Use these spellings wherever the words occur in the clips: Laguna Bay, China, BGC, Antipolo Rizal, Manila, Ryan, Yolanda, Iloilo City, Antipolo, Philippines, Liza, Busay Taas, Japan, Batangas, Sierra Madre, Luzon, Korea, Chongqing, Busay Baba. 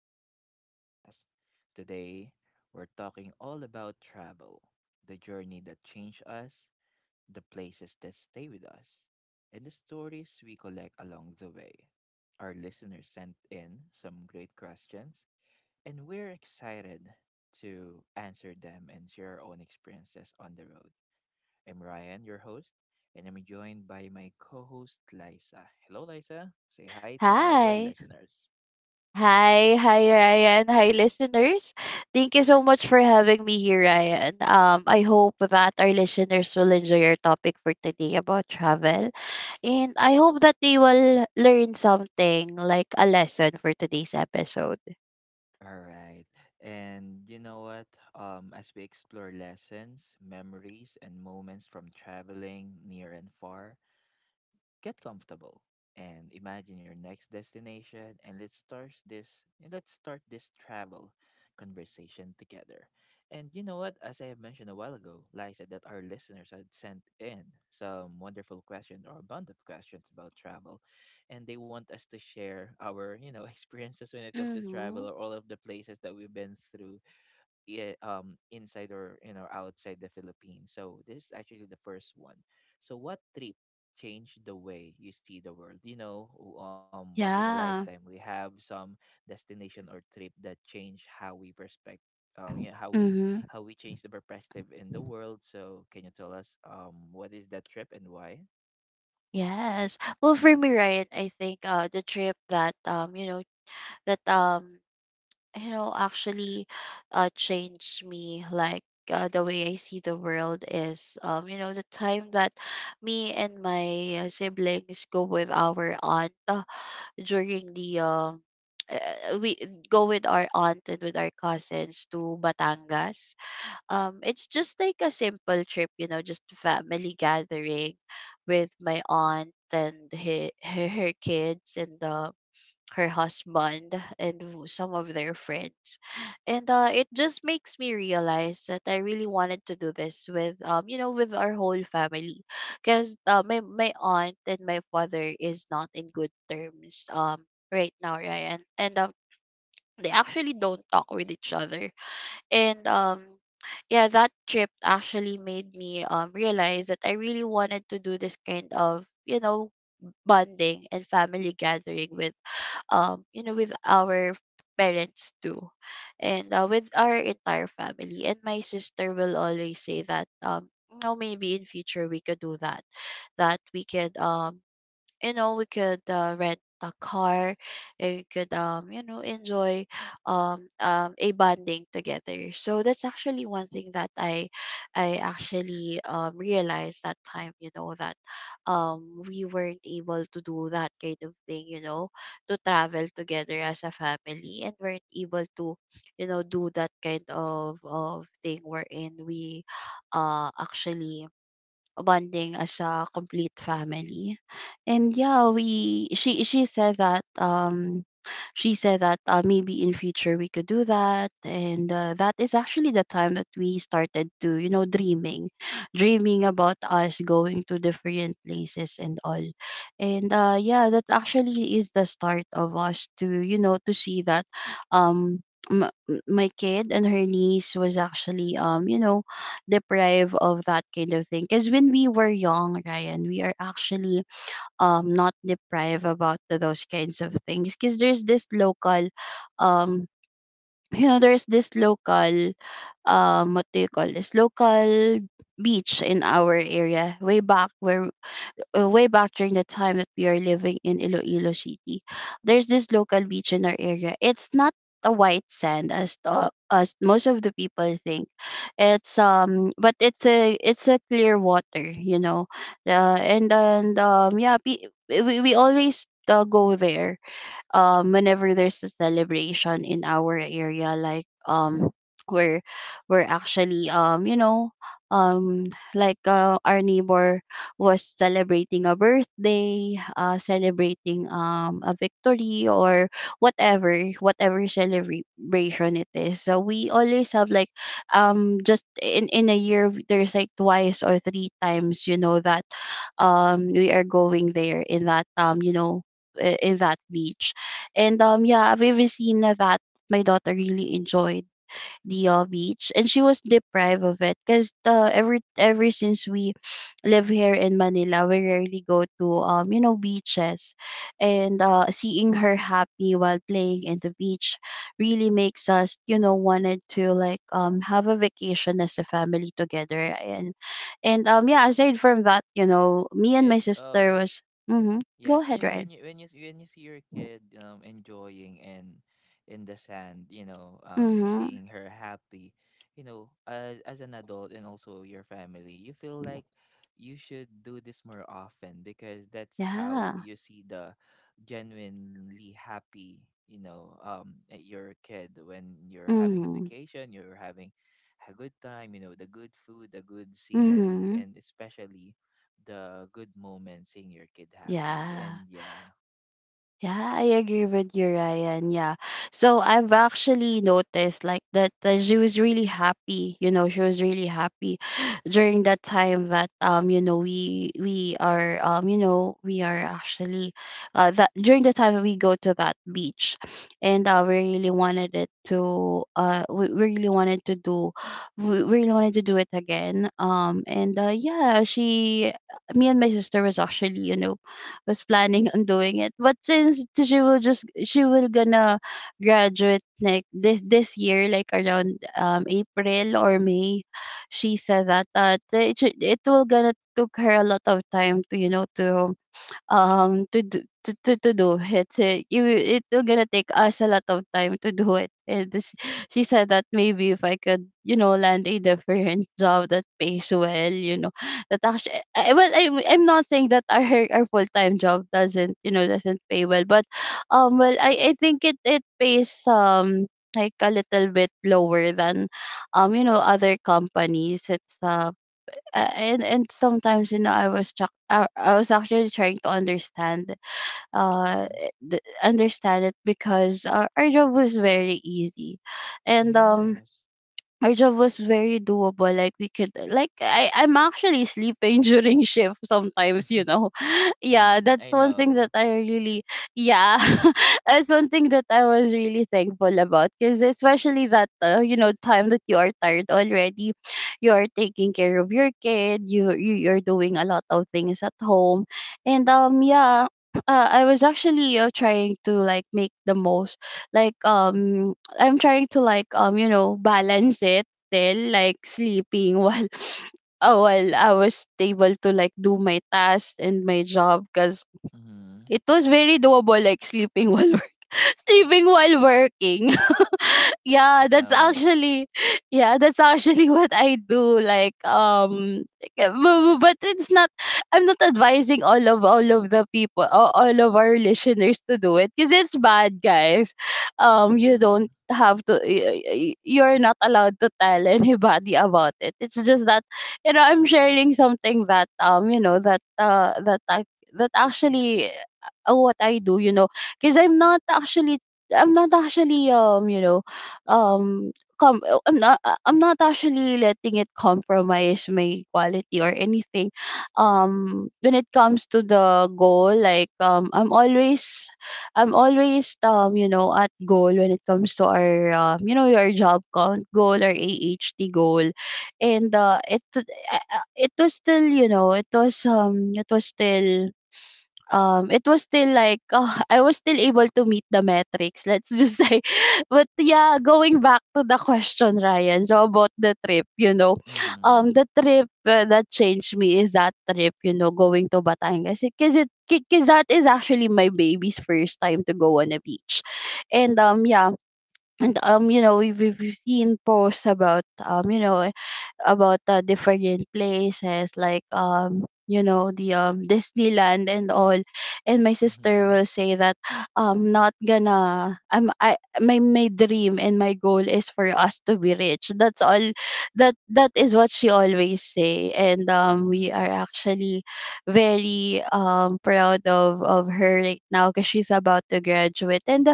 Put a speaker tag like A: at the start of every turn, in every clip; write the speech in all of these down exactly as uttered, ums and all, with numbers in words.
A: back to the podcast. Today, we're talking all about travel, the journey that changed us, the places that stay with us, and the stories we collect along the way. Our listeners sent in some great questions, and we're excited to answer them and share our own experiences on the road. I'm Ryan, your host, and I'm joined by my co host, Liza. Hello, Liza. Say hi to our
B: Hi.
A: listeners.
B: Hi, hi Ryan, hi listeners. Thank you so much for having me here, Ryan. Um, I hope that our listeners will enjoy our topic for today about travel. And I hope that they will learn something like a lesson for today's episode.
A: All right. And you know what? Um, as we explore lessons, memories, and moments from traveling near and far, get comfortable and imagine your next destination and let's start this let's start this travel conversation together. And you know what, as I have mentioned a while ago, like I said that our listeners had sent in some wonderful questions or a bunch of questions about travel and they want us to share our, you know, experiences when it comes to travel
B: Mm-hmm.
A: or all of the places that we've been through i- um inside or you know outside the Philippines. So this is actually the first one. So what trip changed the way you see the world? You know, w- um once in a lifetime we
B: Yeah.
A: have some destination or trip that change how we perspect um yeah how we
B: Mm-hmm.
A: how we change the perspective in the world. So can you tell us um what is that trip and why?
B: Yes. Well, for me, Ryan, I think uh the trip that um you know that um you know actually uh changed me like uh, The way I see the world is um you know the time that me and my uh, siblings go with our aunt uh, during the um uh, we go with our aunt and with our cousins to Batangas. Um, it's just like a simple trip, you know, just family gathering with my aunt and he, her, her kids and um her husband and w- some of their friends, and uh, it just makes me realize that I really wanted to do this with um you know with our whole family, because uh, my, my aunt and my father is not in good terms um right now, Ryan, and um they actually don't talk with each other. And um yeah, that trip actually made me um realize that I really wanted to do this kind of, you know, bonding and family gathering with, um you know, with our parents too, and uh, with our entire family. And my sister will always say that, um you know, maybe in future we could do that, that we could, um you know, we could uh, rent a car, and we could, um you know, enjoy um, um a bonding together. So that's actually one thing that i i actually um realized that time, you know, that um we weren't able to do that kind of thing, you know, to travel together as a family, and weren't able to, you know, do that kind of of thing wherein we uh actually bonding as a complete family. And yeah, we she she said that, um she said that, uh, maybe in future we could do that. And uh, that is actually the time that we started to, you know, dreaming, dreaming about us going to different places and all. And uh yeah, that actually is the start of us to, you know, to see that um m- m- my kid and her niece was actually, um you know, deprive of that kind of thing. Because when we were young, Ryan, we are actually um not deprived about th- those kinds of things, because there's this local um you know, there's this local, um what do you call, this local beach in our area way back, where uh, way back during the time that we are living in Iloilo City, there's this local beach in our area. It's not a white sand as the, as most of the people think. It's um, but it's a it's a clear water, you know. Uh, and and um, yeah, pe- we we always uh, go there um whenever there's a celebration in our area, like, um we're we're actually, um you know, um like, uh, our neighbor was celebrating a birthday, uh celebrating, um a victory, or whatever whatever celebration it is. So we always have, like, um just in in a year there's like twice or three times, you know, that um we are going there in that, um you know, i- in that beach. And um yeah, I've ever seen that my daughter really enjoyed the uh, beach, and she was deprived of it, because the ever ever since we live here in Manila, we rarely go to, um you know, beaches, and uh, seeing her happy while playing in the beach really makes us, you know, wanted to, like, um have a vacation as a family together. And and um yeah, aside from that, you know, me and
A: It
B: my sister
A: um
B: was mm-hmm, go
A: Yes, you
B: ahead
A: know when
B: Ryan,
A: you when you s- when you see your kid um enjoying in in the sand, you know, um
B: mm-hmm,
A: seeing her happy, you know, as as an adult and also your family, you feel like you should do this more often because that's how
B: yeah,
A: you see the genuinely happy, you know, um uh, your kid when you're having a
B: mhm,
A: vacation, you're having a good time, you know, the good food, the good scenery,
B: mhm.
A: and especially the good moment seeing your kid happy
B: Yeah.
A: and yeah.
B: Yeah, I agree with you, Ryan. Yeah. So I've actually noticed, like that, that she was really happy. You know, she was really happy during that time that, um, you know, we we are, um, you know, we are actually uh that during the time we go to that beach. And uh we really wanted it to uh we we really wanted to do we we really wanted to do it again. Um and uh yeah, she me and my sister was actually, you know, was planning on doing it. But since she will just she will gonna graduate like this this year, like around, um April or May, she said that that it should- it will gonna took her a lot of time to, you know, to um to do to, to, to do it, a, you It will gonna take us a lot of time to do it. And this, she said that maybe if I could, you know, land a different job that pays well, you know, that actually I, well I, I'm not saying that our our full-time job doesn't, you know, doesn't pay well, but um well i i think it it pays, um like a little bit lower than, um you know, other companies. It's uh uh, and and sometimes, you know, I was tr- I, I was actually trying to understand uh
A: Mm,
B: the, understand it because our, our job was very easy. And um
A: yes.
B: our job was very doable, like we could like i i'm actually sleeping during shift sometimes, you know. Yeah,
A: Hmm,
B: that's
A: I
B: one thing that
A: know.
B: I really, yeah, that's one thing that I was really thankful about, because especially that, uh, you know, time that you are tired already, you are taking care of your kid, you, you you're doing a lot of things at home. And um yeah, uh, I was actually uh, trying to, like, make the most like, um I'm trying to, like, um you know, balance it still, like, sleeping while uh, while I was able to, like, do my tasks and my job, because
A: Hmm,
B: it was very doable, like sleeping while work. Sleeping while working. Yeah,
A: I
B: that's
A: know.
B: actually, yeah, that's actually, what I do. Like, um, like, uh, bu- bu- but it's not. I'm not advising all of all of the people, all, all of our listeners to do it, because it's bad, guys. Um, you
A: Hmm,
B: don't have to. y- y- You're not allowed to tell anybody about it. It's just that, you know, I'm sharing something that, um you know, that uh that I that actually uh, what I do, you know. Because I'm not actually I'm not actually, um you know, um com- uh, I'm not uh, I'm not actually letting it compromise my quality or anything. Um, when it comes to the goal, like, um, I'm always I'm always, um you know, at goal when it comes to our, um, you know, your job count goal or A H T goal. And uh, it uh, it was still, you know, it was, um it was still, um it was still like, uh, I was still able to meet the metrics, let's just say. But yeah, going back to the question, Ryan, so about the trip, you know, um
A: hmm,
B: the trip, uh, that changed me is that trip, you know, going to Batangas, because it because that is actually my baby's first time to go on a beach. And um yeah. And um you know, we've, we've we've seen posts about, um you know, about uh, different places, like, um you know, the, um Disneyland and all. And my sister
A: hmm,
B: will say that I'm not gonna I'm I my my dream and my goal is for us to be rich, that's all. That that is what she always say. And um we are
A: hmm,
B: actually very, um proud of of her right now, because she's about to graduate, and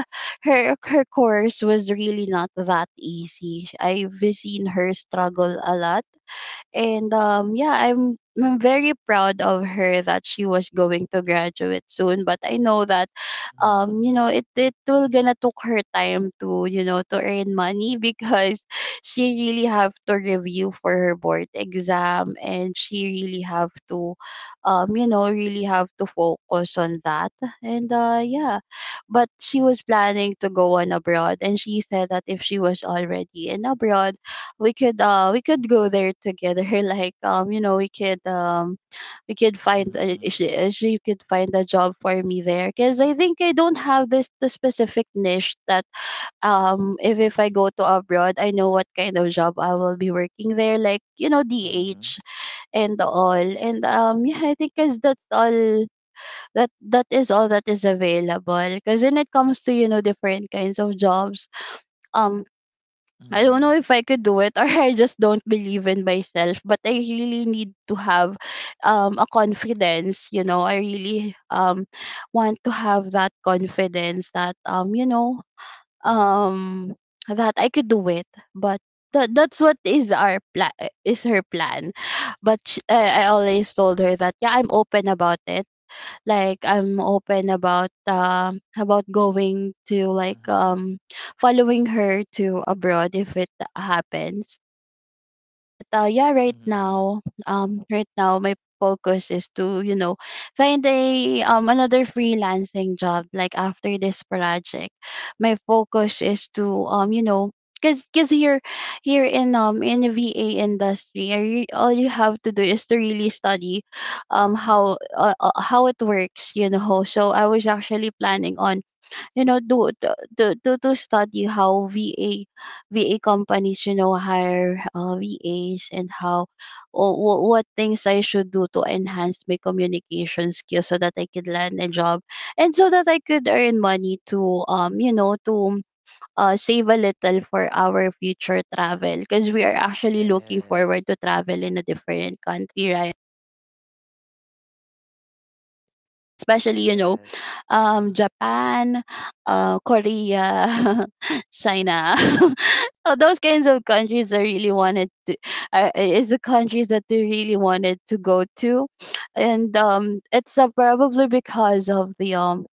B: her her course was really not that easy. I've seen her struggle a lot, and um yeah, i'm i'm very proud of her that she was going to graduate soon, but I know that um
A: hmm,
B: you know it it will gonna took her time to you know to earn money because she really have to review for her board exam, and she really have to um you know really have to focus on that. And uh, yeah, but she was planning to go on abroad, and she said that if she was already in abroad, we could uh we could go there together. like um you know we could um we could find a,
A: hmm,
B: she, uh, she could find a job for me there, because I think I don't have this the specific niche that um if if i go to abroad I know what kind of job I will be working there, like you know DH
A: hmm,
B: and all. And um yeah, I think because that's all, that that is all that is available. Because when it comes to you know different kinds of jobs, um. I don't know
A: hmm,
B: if I could do it or I just don't believe in myself, but I really need to have um a confidence, you know. I really um want to have that confidence that um you know
A: hmm,
B: um that I could do it, but that that's what is our plan, is her plan. But sh- I, I always told her that, yeah, I'm open about it, like I'm open about um about going to, like
A: hmm,
B: um following her to abroad if it happens. But uh yeah, right
A: hmm,
B: now, um right now my focus is to you know find a, um another freelancing job. Like after this project, my focus is to um you know because cause 'cause here, here in um in the V A industry, I re- all you have to do is to really study um
A: hmm.
B: how uh, uh, how it works, you know. So I was actually planning on you know do to to to to study how V A V A companies, you know, hire uh, V As, and how or wh- what things I should do to enhance my communication skills so that I could land a job, and so that I could earn money to um you know to uh, save a little for our future travel, because we are actually looking forward
A: Yes,
B: to travel in a different country, right? Especially, you know,
A: yes.
B: um,
A: Mm-hmm.
B: Japan, uh, Korea, China. So those kinds of countries I really wanted to, uh, is the countries that they really wanted to go to. And um, it's uh, probably because of the um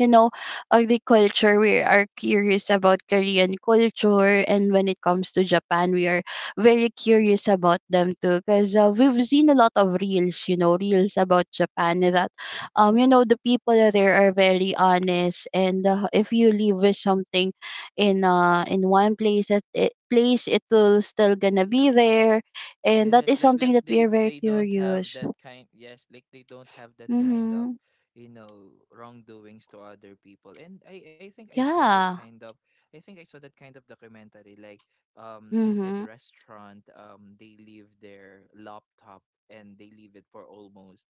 B: you know, agriculture. We are curious about Korean culture. And when it comes to Japan, we are very curious about them too, because uh, we've seen a lot of reels, you know, reels about Japan that, um, you know, the people there are very honest. And uh, if you leave with something in uh, in one place, that it, place, it will still gonna be there. And that
A: Yes,
B: is
A: like
B: something
A: like
B: that we
A: they
B: are very
A: they don't have
B: curious.
A: that kind, yes, like they don't have that kind of,
B: Mm-hmm.
A: you know, wrongdoings to other people. And I I think I saw that
B: Yeah.
A: kind of I think I saw that kind of documentary like um inside the
B: Mm-hmm.
A: restaurant um they leave their laptop and they leave it for almost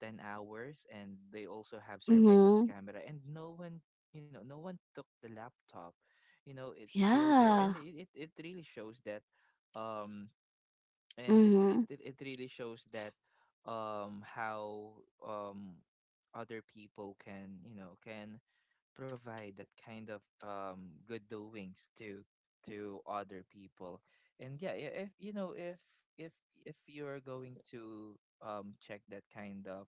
A: 10 hours and they also have surveillance
B: Mm-hmm.
A: camera and no one you know no one took the laptop, you know, it's still there and
B: Yeah.
A: it it, it really shows that um and it it
B: Mhm,
A: it it really shows that um how um other people can, you know, can provide that kind of um good doings to to other people, and yeah i- if you know if if if you're going to um check that kind of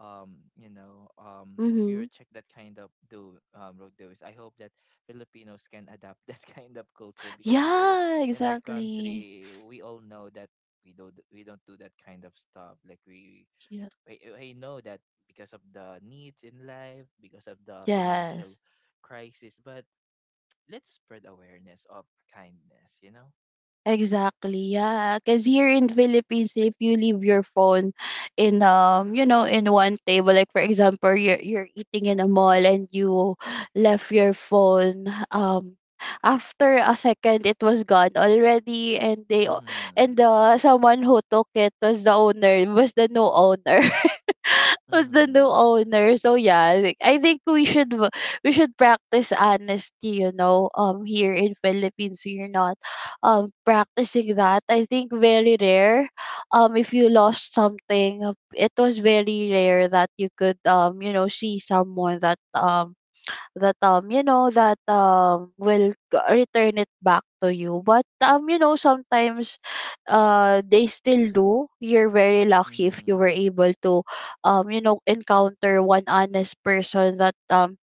A: um you know um if you
B: mhm.
A: check that kind of do um road doings, I hope that Filipinos can adapt that kind of culture, because here
B: Yeah,
A: in our
B: exactly.
A: country we all know that we don't we don't do that kind of stuff like we.
B: Yeah.
A: I, I know that because of the needs in life, because of the financial
B: Yes.
A: crisis, but let's spread awareness of kindness, you know?
B: Exactly. Yeah, cuz here in Philippines if you leave your phone in um you know in one table, like for example you're you're eating in a mall and you left your phone, um after a second it was gone already. And they o-
A: Mm-hmm.
B: and the someone who took it was the owner, was the new owner, was the new
A: Mm-hmm.
B: owner. So yeah, I think, I think we should v- we should practice honesty, you know. um here in Philippines we're not um practicing that. I think very rare. Um if you lost something, uh, it was very rare that you could um you know see someone that um that um you know that um will g- return it back to you. But um you know, sometimes uh they still do. You're very lucky if you
A: Mm-hmm.
B: were able to um you know encounter one honest person that um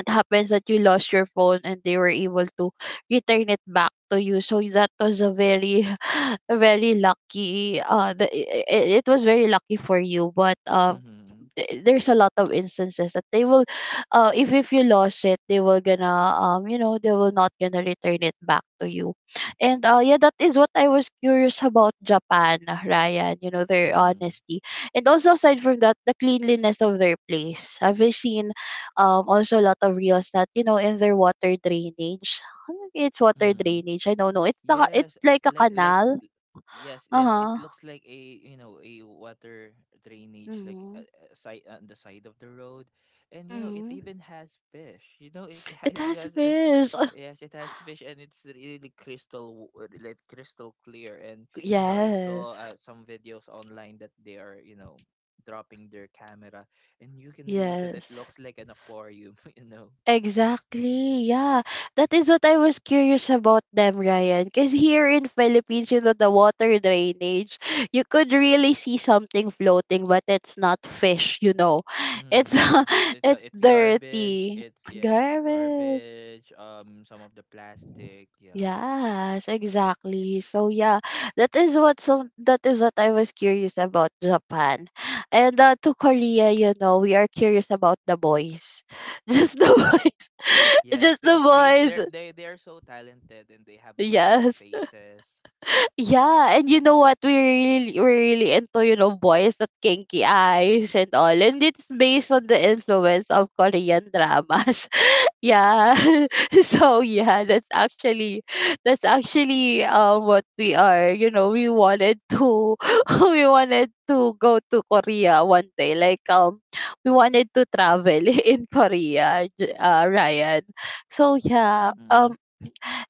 B: it happens that you lost your phone and they were able to return it back to you, so that was a very a very lucky uh the, it, it was very lucky for you. But um
A: Mm-hmm.
B: th- there's a lot of instances that they will, uh if if you lost it, they will gonna, um you know they will not gonna return it back to you. And uh yeah, that is what I was curious about Japan, Ryan, you know, their
A: Mm-hmm.
B: honesty. And also aside from that, the cleanliness of their place. I've seen um also a lot of reels that, you know, in their water drainage it's water
A: Mm-hmm.
B: drainage, I don't know, it's the, it's
A: Yes, uh,
B: like a
A: like like
B: canal.
A: l- yes, yes. It
B: Uh-huh.
A: looks like a, you know, a water drainage like uh,
B: Mm-hmm.
A: uh, side on the side of the road, and you know it
B: Mm-hmm.
A: even has fish. You know it has
B: It
A: it
B: has
A: has uh,
B: fish.
A: yes it has fish and it's really crystal w- uh, like crystal clear. And you know I
B: Yes.
A: saw uh, some videos online that they are, you know, dropping their camera and you can really show that
B: Yes.
A: looks like an aquarium. You know.
B: Exactly. Yeah. That is what I was curious about them, Ryan. Because here in Philippines, you know, the water drainage, you could really see something floating, but it's not fish, you know.
A: Mm,
B: It's
A: yes, it, it's uh,
B: it's
A: it's garbage.
B: dirty.
A: It's yeah, it's
B: Garbage.
A: garbage. Um, some of the plastic. Yeah,
B: Yes, exactly. So yeah, that is what some that is what I was curious about Japan. And uh, to Korea, you know, we are curious about the boys. Just the boys.
A: yes,
B: Just the
A: because because they're
B: boys.
A: they they are so talented and they have really good
B: Yes.
A: faces.
B: Yeah, and you know what? We really, we're really into, you know, boys that kinky eyes and all. And it's based on the influence of Korean dramas. Yeah. So yeah, that's actually that's actually um what we are, you know, we wanted to we wanted to go to Korea one day. Like um, we wanted to travel in Korea, J- uh, ryan. So yeah,
A: Mm-hmm.
B: um.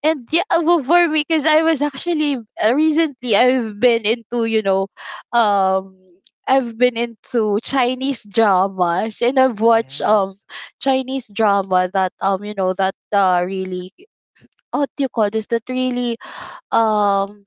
B: And yeah, uh, well, for me, because I was actually uh, recently I've been into, you know, um, I've been into Chinese dramas, and I've watched um
A: Yes.
B: Chinese drama that, um you know that uh really, oh, what do you call this, that really um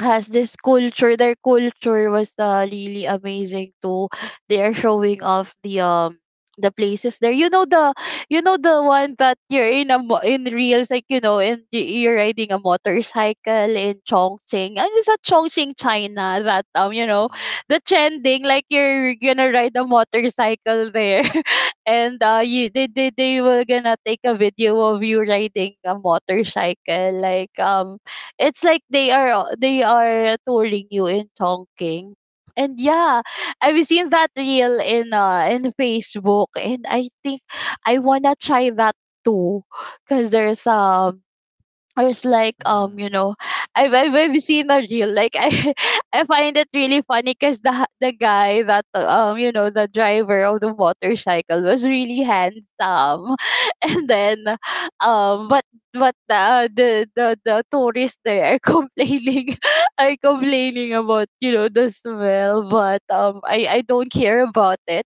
B: has this culture. Their culture was uh, really amazing too. They are showing off the um the places there, you know, the you know the one that you're in a mo- in reels, like, you know, and y- you're riding a motorcycle in Chongqing, and it's a Chongqing China, that um you know
A: Mm-hmm.
B: the trending, like you're gonna ride a motorcycle there. And uh you they, they they were gonna take a video of you riding a motorcycle, like um it's like they are, they are touring you in Chongqing. And yeah, I've seen that reel in uh in Facebook, and I think I wanna try that too. Cause there's um I was like, um,
A: Mm-hmm.
B: you know, I've, I've, I've seen a reel. Like, I, I find it really funny because the the guy that, um, you know, the driver of the motorcycle was really handsome, and then, um, but but the the the, the tourists there are complaining, are complaining about, you know, the smell. But um, I I don't care about it.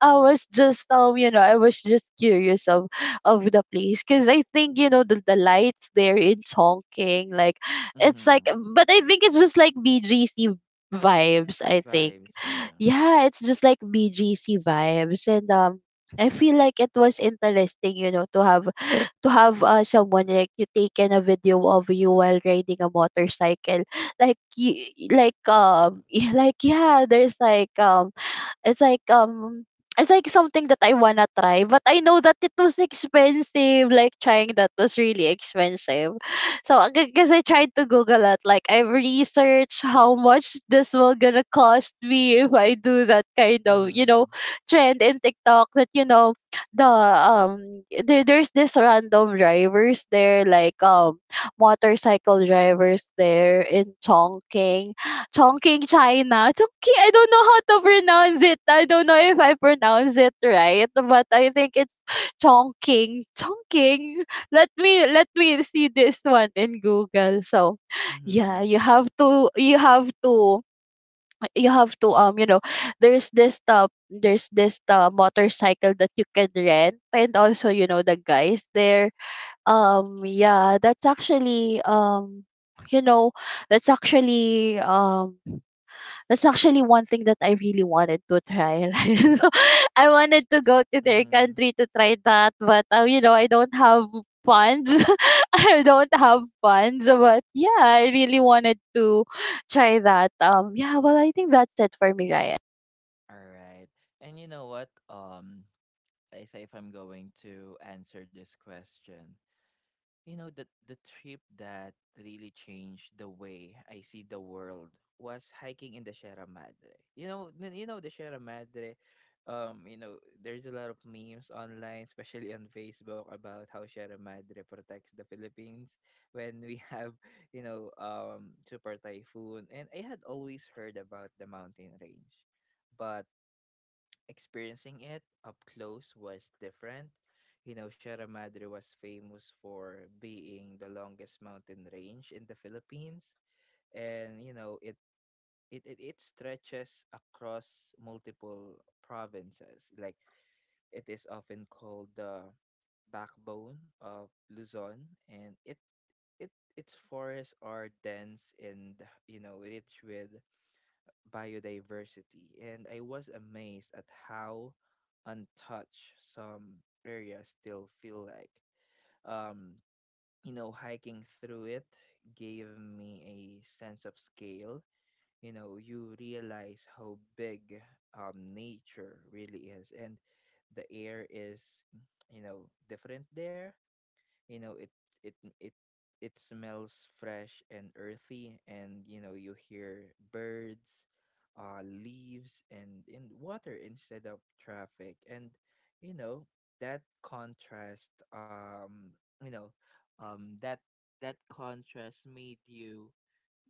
B: I was just um you know I was just curious of of the place, because I think, you know, the, the lights there in Chongqing, like it's like,
A: Mm-hmm.
B: but I think it's just like B G C vibes, I think.
A: Vibes. Yeah.
B: Yeah, it's just like B G C vibes. And um I feel like it was interesting, you know, to have to have uh, someone like you taken a video of you while riding a motorcycle, like you, like um like yeah there's like um it's like um it's like something that I wanna try. But I know that it was expensive. Like trying that was really expensive. So because I tried to Google it, like I researched how much this will gonna cost me if I do that kind of, you
A: Mm-hmm.
B: know, trend in TikTok, that, you know, the um there, there's this random drivers there, like um motorcycle drivers there in Chongqing, Chongqing, China. Chongqing, I don't know how to pronounce it. I don't know if I pronounce it right, but I think it's Chongqing. Chongqing. Let me, let me see this one in Google. So yeah,
A: Mm-hmm.
B: you have to, you have to you have to um, you know, there's this uh, there's this uh, motorcycle that you can rent, and also, you know, the guys there. Um, yeah, that's actually um you know, that's actually um that's actually one thing that I really wanted to try. Right? So I wanted to go to their
A: Mm-hmm.
B: country to try that, but um, you know, I don't have funds. I don't have funds, but yeah, I really wanted to try that. Um, yeah, well, I think that's it for me, Ryan.
A: All right. And you know what? Um, I say if I'm going to answer this question. You know, the the trip that really changed the way I see the world was hiking in the Sierra Madre. You know, n- you know the Sierra Madre. Um, you know, there's a lot of memes online, especially on Facebook, about how Sierra Madre protects the Philippines when we have, you know, um, super typhoon. And I had always heard about the mountain range, but experiencing it up close was different. You know, Sierra Madre was famous for being the longest mountain range in the Philippines, and you know it it it, it stretches across multiple provinces. Like it is often called the backbone of Luzon, and it it its forests are dense and you know rich with biodiversity, and I was amazed at how untouched some areas still feel like. Um, you know, hiking through it gave me a sense of scale. You know, you realize how big um, nature really is, and the air is, you know, different there, you know it it it it smells fresh and earthy, and you know you hear birds, uh leaves, and in water instead of traffic, and you know that contrast, um you know um that that contrast made you,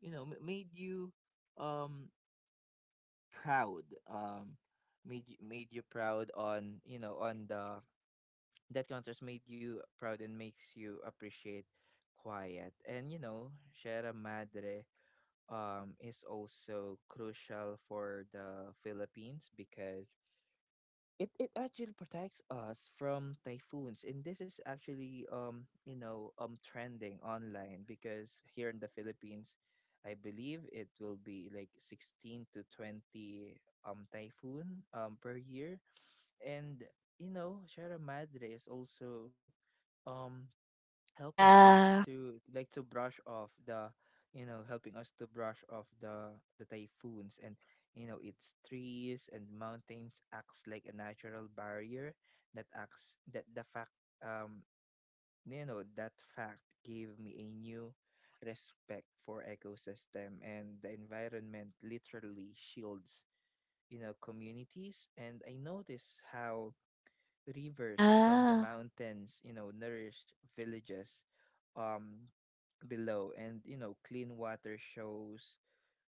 A: you know, m- made you um proud, um made you made you proud on you know on the that contrast made you proud and makes you appreciate quiet. And you know, Sierra Madre um is also crucial for the Philippines, because it, it actually protects us from typhoons. And this is actually, um, you know, um trending online because here in the Philippines I believe it will be like sixteen to twenty um typhoon um per year, and you know, Sierra Madre is also um helping us
B: Yeah,
A: to like to brush off the you know helping us to brush off the the typhoons, and you know its trees and mountains acts like a natural barrier that acts that the fact, um you know that fact gave me a new respect for ecosystem, and the environment literally shields, you know, communities, and I notice how rivers from the
B: yeah,
A: mountains, you know, nourish villages um below, and you know clean water shows,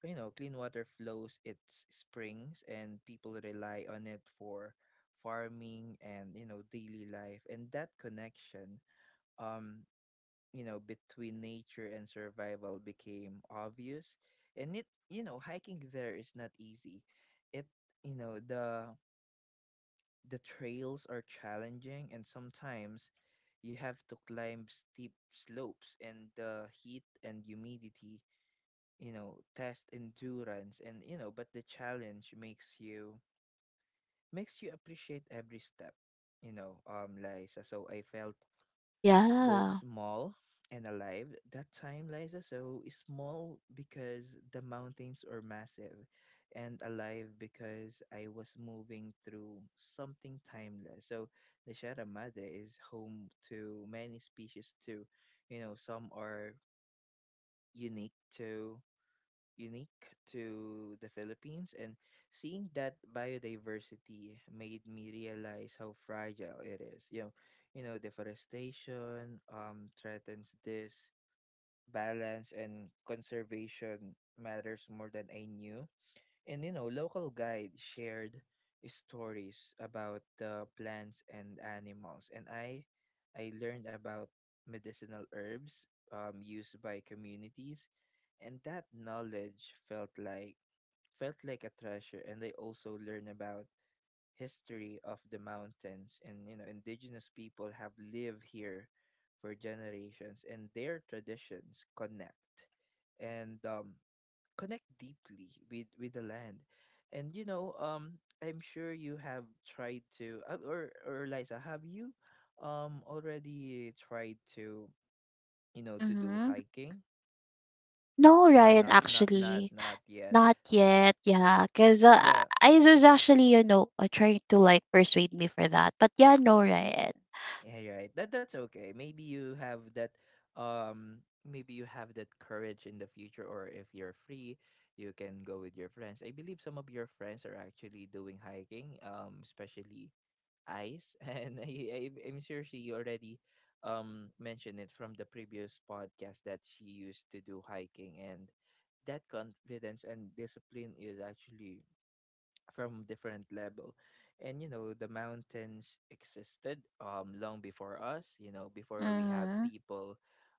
A: you know, clean water flows its springs and people rely on it for farming and, you know, daily life, and that connection, um you know between nature and survival became obvious, and it, you know, hiking there is not easy, it you know the the trails are challenging and sometimes you have to climb steep slopes, and the heat and humidity, you know, test endurance, and you know but the challenge makes you makes you appreciate every step, you know, um Liza, so I felt both
B: yeah.
A: small and alive. That time, Liza, so is small because the mountains are massive, and alive because I was moving through something timeless. So the Sierra Madre is home to many species too. You know, some are unique to unique to the Philippines. And seeing that biodiversity made me realize how fragile it is. You know, you know, deforestation um threatens this balance and conservation matters more than I knew, and you know, local guide shared stories about the plants and animals, and I I learned about medicinal herbs, um, used by communities, and that knowledge felt like felt like a treasure. And I also learned about history of the mountains, and you know, indigenous people have lived here for generations, and their traditions connect. And um, connect deeply with with the land, and you know, um I'm sure you have tried to, uh, or or Liza, have you um already tried to, you know, to do
B: Mm-hmm.
A: hiking,
B: No,
A: or
B: Ryan,
A: not not not
B: actually,
A: not yet?
B: not yet. Yeah, because uh,
A: Yeah,
B: Izer's actually, you know, uh, trying to like persuade me for that. But yeah, no, Ryan.
A: yeah, you're right. that that's okay, maybe you have that um maybe you have that courage in the future, or if you're free you can go with your friends. I believe some of your friends are actually doing hiking, um especially Eyes, and I, I, I'm sure she already um mentioned it from the previous podcast that she used to do hiking, and that confidence and discipline is actually from different level. And you know the mountains existed um long before us, you know, before we have
B: Mhm,
A: people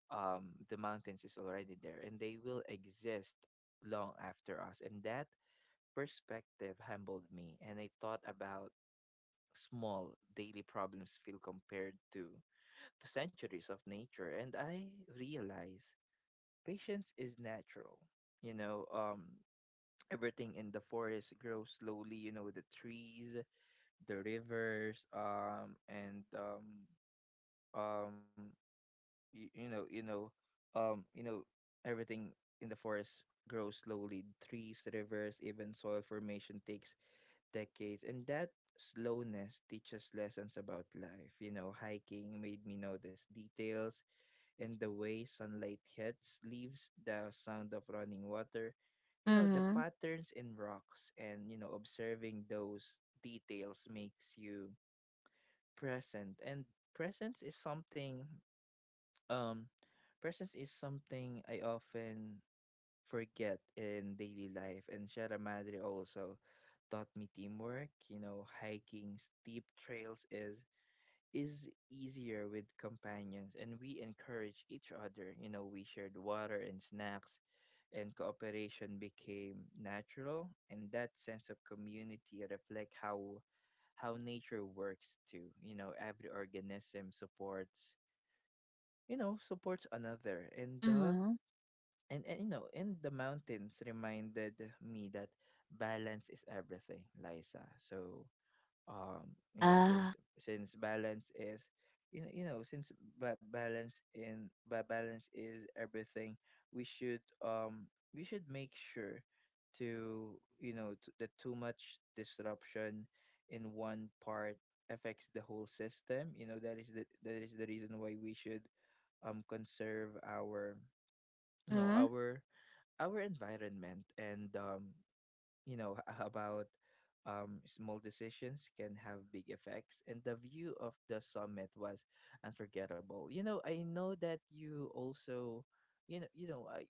A: um the mountains is already there and they will exist long after us, and that perspective humbled me, and I thought about small daily problems feel compared to to centuries of nature, and I realize patience is natural. You know, um everything in the forest grows slowly, you know, the trees, the rivers, um and um um you, you know you know um you know everything in the forest grows slowly, trees, rivers, even soil formation takes decades, and that slowness teaches lessons about life. You know, hiking made me notice details and the way sunlight hits leaves, the sound of running water, you know, the
B: mhm,
A: patterns in rocks, and you know, observing those details makes you present. And presence is something, um, presence is something I often forget in daily life. And Sierra Madre also taught me teamwork. You know, hiking steep trails is is easier with companions, and we encourage each other. You know, we shared water and snacks, and cooperation became natural, and that sense of community reflect how how nature works too. You know, every organism supports you know supports another, and uh,
B: mhm.
A: and, and you know and the mountains reminded me that balance is everything, Liza. So, um you know
B: Yeah.
A: since since balance is you know, you know since ba- balance in ba- balance is everything, we should um we should make sure to you know to, that too much disruption in one part affects the whole system. you know that is the that is the reason why we should um conserve our you know
B: Mhm,
A: our our environment. And um, you know h- about um, Small decisions can have big effects, and the view of the summit was unforgettable. you know i know that you also you know you know I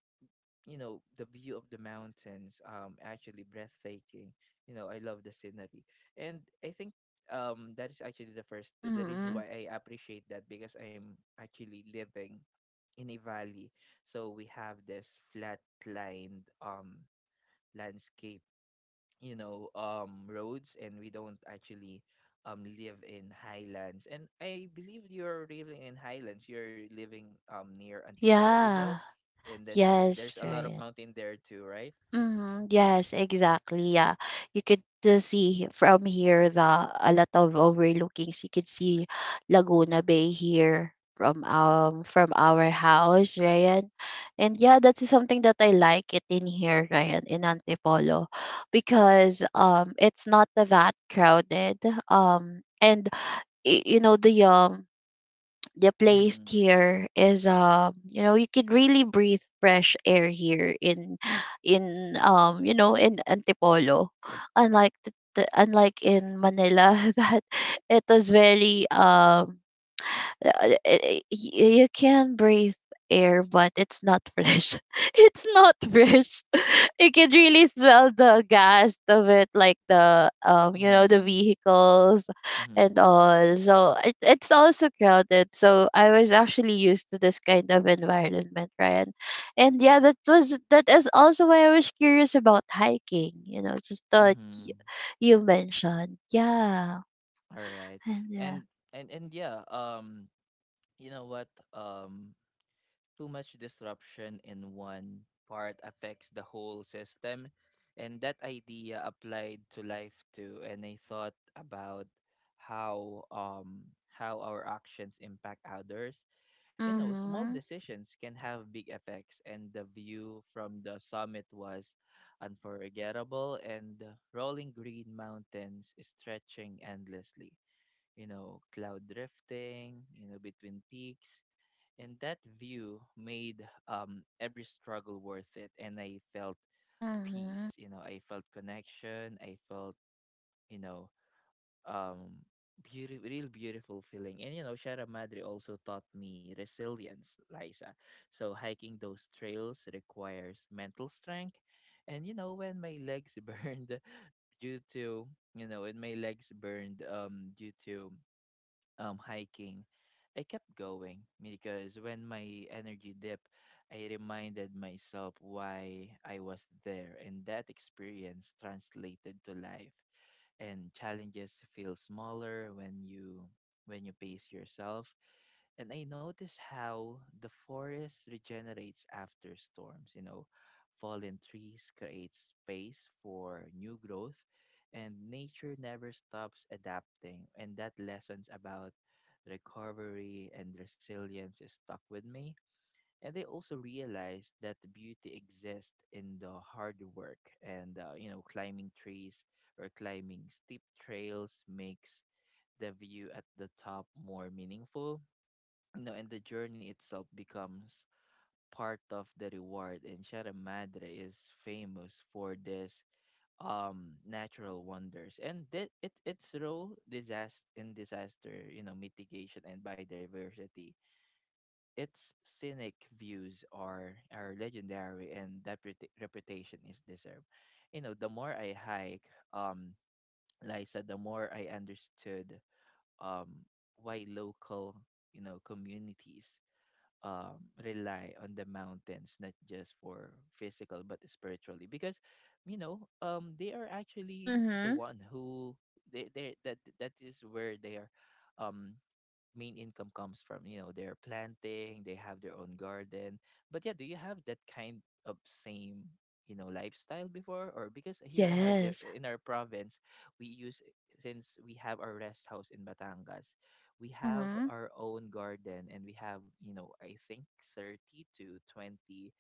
A: you know The view of the mountains um actually breathtaking. you know I love the scenery, and I think um that is actually the first the reason
B: mhm.
A: why I appreciate that, because I'm actually living in a valley. So we have this flat lined um landscape, you know, um roads, and we don't actually um live in highlands. And I believe you're living in highlands. You're living um near Antipolo, Rizal,
B: Yeah.
A: and that's
B: Yes,
A: there's a lot of
B: right.
A: mountain there too, right?
B: Hmm. Yes, exactly. Yeah, you could, uh, see from here the a lot of overlookings. You could see Laguna Bay here from um from our house, Ryan. And yeah, that is something that I like it in here, Ryan, in Antipolo, because um it's not that crowded. Um and y- you know, the um the place
A: Mhm.
B: here is, um you know you could really breathe fresh air here in in um you know in Antipolo, unlike the, the, unlike in Manila that it was very um uh, y- y- you can breathe air, but it's not fresh. It's not fresh. You can really smell the gas of it, like the, um you know the
A: Mhm.
B: vehicles and
A: Mhm.
B: all. So it, it's also crowded. So I was actually used to this kind of environment, Ryan. And yeah, that was that is also why I was curious about hiking, you know. Just thought you,
A: Mhm.
B: you mentioned. Yeah.
A: All right.
B: And yeah.
A: And and and yeah, um you know what? Um Too much disruption in one part affects the whole system. And that idea applied to life too. And I thought about how um how our actions impact others. You know, small
B: Mm-hmm.
A: decisions can have big effects, and the view from the summit was unforgettable, and the rolling green mountains stretching endlessly, you know, cloud drifting, you know, between peaks. And that view made um, every struggle worth it. And I felt
B: Mm-hmm.
A: peace, you know, I felt connection, I felt, you know, um, beautiful, real beautiful feeling. And, you know, Sierra Madre also taught me resilience, Liza. So hiking those trails requires mental strength. And, you know, when my legs burned due to, you know, when my legs burned um, due to um hiking, I kept going because when my energy dipped, I reminded myself why I was there. And that experience translated to life, and challenges feel smaller when you when you pace yourself. And I notice how the forest regenerates after storms. You know fallen trees create space for new growth, and nature never stops adapting. And that lessons about recovery and resilience is stuck with me. And they also realized that the beauty exists in the hard work. And uh, you know climbing trees or climbing steep trails makes the view at the top more meaningful. You know and the journey itself becomes part of the reward. And Sierra Madre is famous for this um natural wonders, and that it its role, disaster in disaster, you know mitigation, and biodiversity. Its scenic views are are legendary, and that reput- reputation is deserved. You know the more I hike, um Liza, the more I understood um why local you know communities um, rely on the mountains, not just for physical but spiritually, because you know um, they are actually the
B: Mhm.
A: one who they they that that is where they are, um, main income comes from. you know their planting They have their own garden. But yeah, do you have that kind of same you know lifestyle before? Or because here in our de-
B: Yes.
A: in our province we use, since we have our rest house in Batangas, we have
B: Mhm.
A: our own garden. And we have, you know I think, thirty to twenty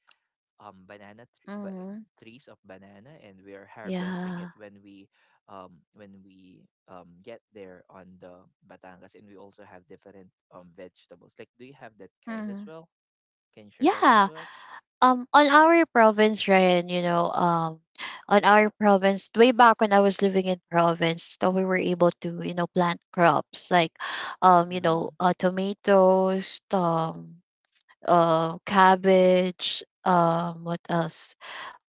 A: um banana tr- ba-
B: Mhm.
A: trees of banana, and we are harvesting it
B: Yeah.
A: when we um when we um get there on the Batangas. And we also have different um vegetables. Like, do you have that kind as
B: Mhm.
A: well? Can you share that one
B: Yeah.
A: to us?
B: Um, on our province, Ryan, you know, um, on our province, way back when I was living in province, so we were able to, you know, plant crops like, um, you know,
A: Mm-hmm.
B: uh, tomatoes, um, uh, cabbage, um, what else?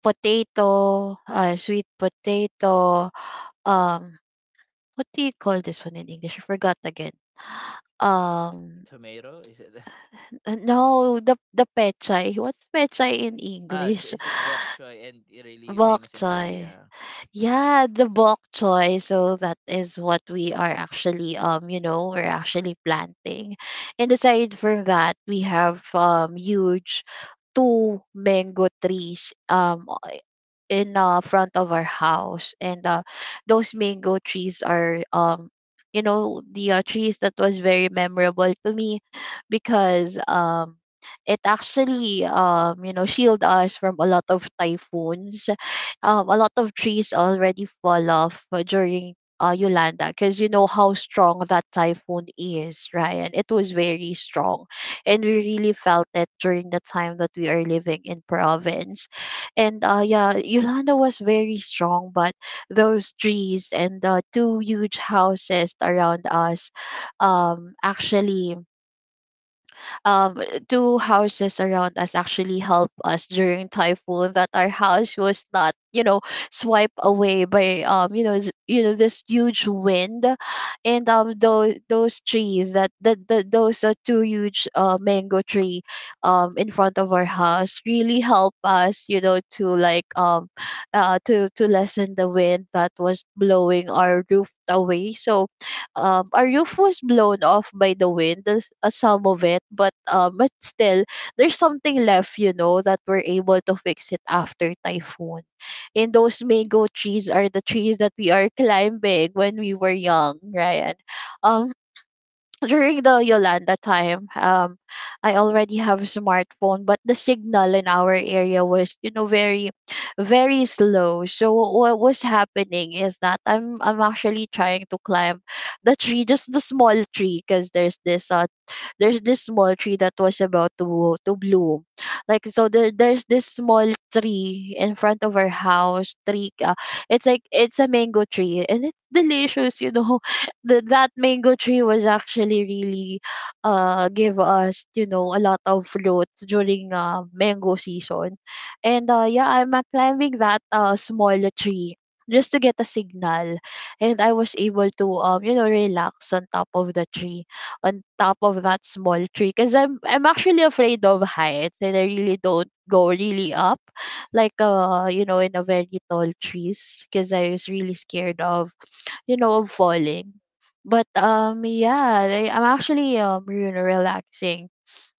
B: Potato, uh, sweet potato. Um, what do you call this one in English? I forgot again. Um,
A: Tomato? Is it
B: Uh, no, the the pechay. What's pechay in
A: ah? Is,
B: English?
A: is it bok choy, and it really
B: Bok
A: famous in
B: choy.
A: Korea?
B: Yeah, the bok choy. So that is what we are actually, um, you know, we're actually planting. And aside from that, we have um huge two mango trees um in uh, front of our house, and uh, those mango trees are, um you know the uh, trees that was very memorable to me, because um it actually, um you know shield us from a lot of typhoons. um a lot of trees already fall off uh, during uh, Yolanda, because you know how strong that typhoon is, Ryan. It was very strong, and we really felt it during the time that we are living in province. And uh, yeah, Yolanda was very strong, but those trees and the two huge houses around us, um, actually um, two houses around us actually helped us during typhoon, that our house was not, you know, swiped away by, um, you know, s- you know this huge wind. And um, those those trees, that that the, those are two huge uh, mango tree, um, in front of our house really help us, you know, to like, um, uh, to to lessen the wind that was blowing our roof away. So um, our roof was blown off by the wind. There's, uh, some of it, but um, but still, there's something left, you know, that we're able to fix it after typhoon. And those mango trees are the trees that we are climbing when we were young, Ryan. Um during the Yolanda time, um, I already have a smartphone, but the signal in our area was, you know, very, very slow. So what was happening is that I'm, I'm actually trying to climb the tree, just the small tree, because there's this, uh, there's this small tree that was about to, to bloom. Like so, there, there's this small tree in front of our house. Tree, uh, it's like it's a mango tree, and it's delicious. You know th- that mango tree was actually really, uh give us, you know a lot of fruits during uh mango season. And uh yeah, I'm uh, climbing that uh small tree just to get a signal, and I was able to, um you know relax on top of the tree, on top of that small tree, because i'm i'm actually afraid of heights, and I really don't go really up, like, uh you know in a very tall trees, because I was really scared of, you know, of falling. But um yeah, I, I'm actually, um you know relaxing,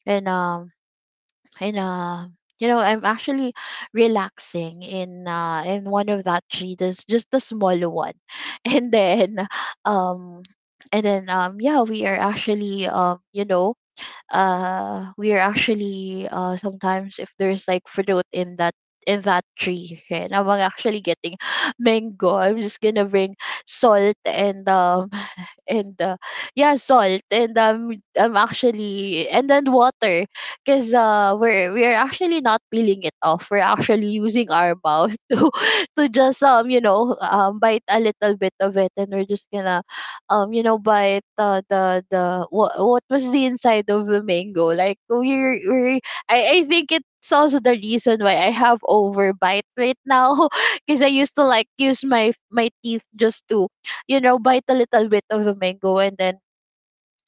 B: and um and um you know I'm actually relaxing in uh in one of that tree, this just the small one, and then, um and then um yeah, we are actually, um you know uh we are actually, uh sometimes if there's like fruit in that in that tree, okay, and I'm actually getting mango, I'm just gonna bring salt, and um and uh, yeah, salt, and um I'm actually and then water, because uh we're we're actually not peeling it off, we're actually using our mouth to to just, um you know um bite a little bit of it, and we're just gonna, um you know bite uh, the the what what was the inside of the mango, like, we're we're I I think it's also the reason why I have overbite right now, because I used to like use my my teeth, just to, you know, bite a little bit of the mango and then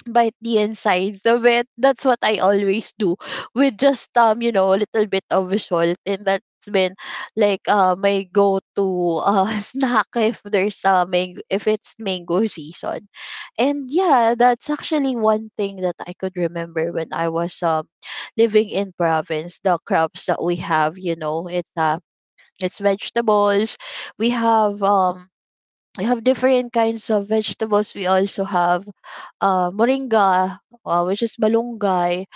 B: bite the insides of it. That's what I always do, with just, um, you know, a little bit of salt, and that's been like, uh my go to, uh snack, if there's a mango, if it's mango season. And yeah, that's actually one thing that I could remember when I was, um living in province. The crops that we have, you know, it's, uh it's vegetables. We have um we have different kinds of vegetables. We also have, uh, moringa, uh, which is malunggay,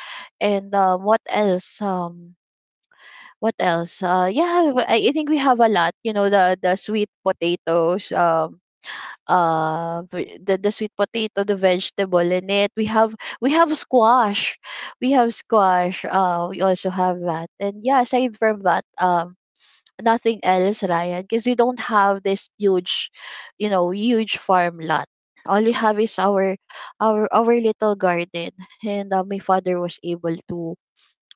B: and, um, what else? Um, what else? Uh, yeah, w- I, I think we have a lot. You know, the the sweet potatoes. Um, uh v- the the sweet potato, the vegetable in it, we have, we have squash we have squash, uh we also have that. And yeah, aside from that, um nothing else, Ryan, because we don't have this huge, you know, huge farm lot. All we have is our our our little garden, and uh, my father, was able to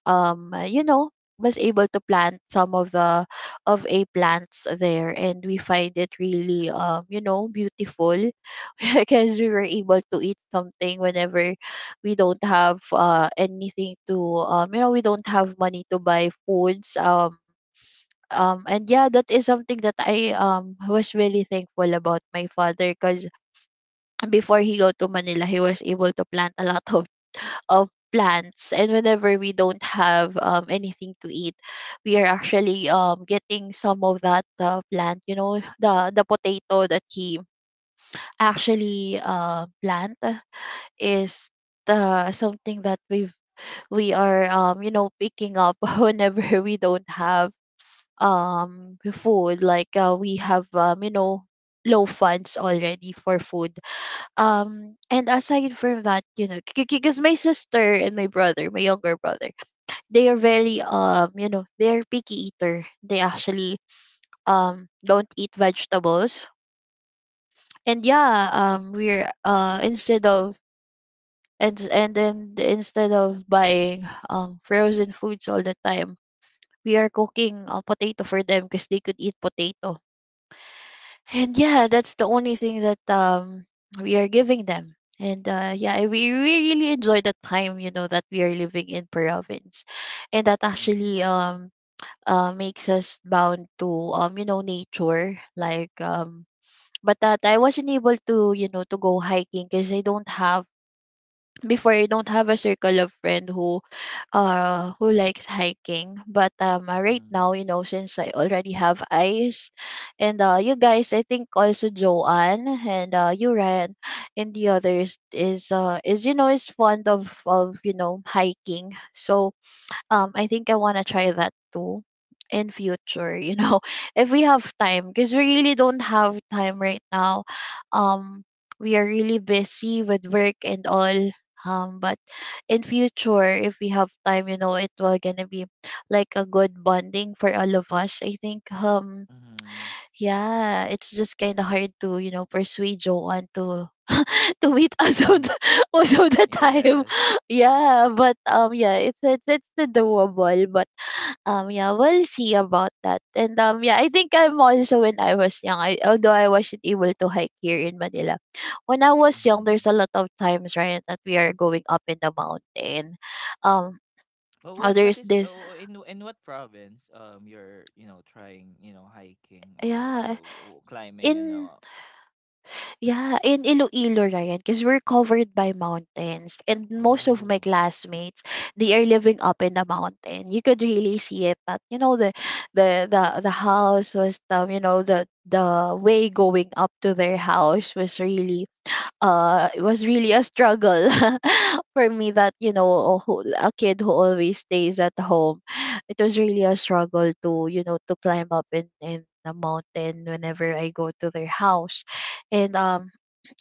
B: um uh, you know was able to plant some of the, of a plants there, and we find it really, um you know beautiful, because we were able to eat something whenever we don't have uh anything to, um you know we don't have money to buy foods. Um um, and yeah, that is something that I, um was really thankful about my father, because before he go to Manila, he was able to plant a lot of of plants. And whenever we don't have um anything to eat, we are actually, um getting some of that, uh, plant. You know, the the potato that he actually, uh, plant is, uh, something that we've we are, um you know picking up, whenever we don't have um food, like, uh, we have, um you know low funds already for food. Um and aside from that, you know, because my sister and my brother, my younger brother, they are very, um you know they're picky eater, they actually, um don't eat vegetables. And yeah, um we're uh instead of, and and then instead of buying um frozen foods all the time, we are cooking uh, potato for them, because they could eat potato. And yeah, that's the only thing that, um we are giving them. And uh, yeah, we, we really enjoy the time, you know, that we are living in province, and that actually,
A: Mm-hmm.
B: um uh makes us bound to, um you know nature, like um. But that I wasn't able to, you know, to go hiking, because I don't have before I don't have a circle of friend, who, uh who likes hiking, but, um uh, right now,
A: Mm-hmm.
B: you know, since I already have eyes, and uh you guys, I think also Joanne and uh you, Ryan, and the others is uh is you know is fond of, of you know hiking. So, um I think I want to try that too in future, you know, if we have time, because we really don't have time right now. um we are really busy with work and all. Um but in future, if we have time, you know, it will gonna be like a good bonding for all of us, I think. Um
A: Mm-hmm.
B: yeah, it's just kind of hard to, you know, persuade Joanne to to meet us all the, most of the time.
A: Yes.
B: Yeah, but um, yeah, it's it's it's the doable, but um, yeah, we'll see about that. And um, yeah, I think I'm also when I was young, I although I wasn't able to hike here in Manila, when I was young, there's
A: Mm-hmm.
B: a lot of times right that we are going up in the mountain. Um,
A: Well,
B: oh,
A: what
B: there's
A: what is
B: this,
A: oh, in in what province um you're you know trying you know hiking, or you
B: yeah,
A: know w- climbing, and
B: in
A: uh
B: yeah, in Iloilo, Ryan, because we're covered by mountains, and most of
A: oh.
B: my classmates, they are living up in the mountain. You could really see it. That you know the, the the the house was, um you know the the way going up to their house was really, uh it was really a struggle for me. That you know, a, who- a kid who always stays at home, it was really a struggle to, you know, to climb up in in the mountain whenever I go to their house. And um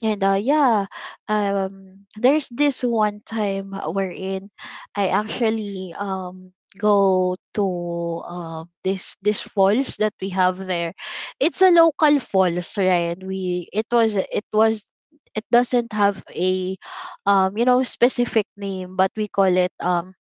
B: and uh, yeah, um, there's this one time wherein I actually, um go to, um this this falls that we have there. It's a local falls, right? We it was it was it doesn't have a, um you know specific name, but we call it, um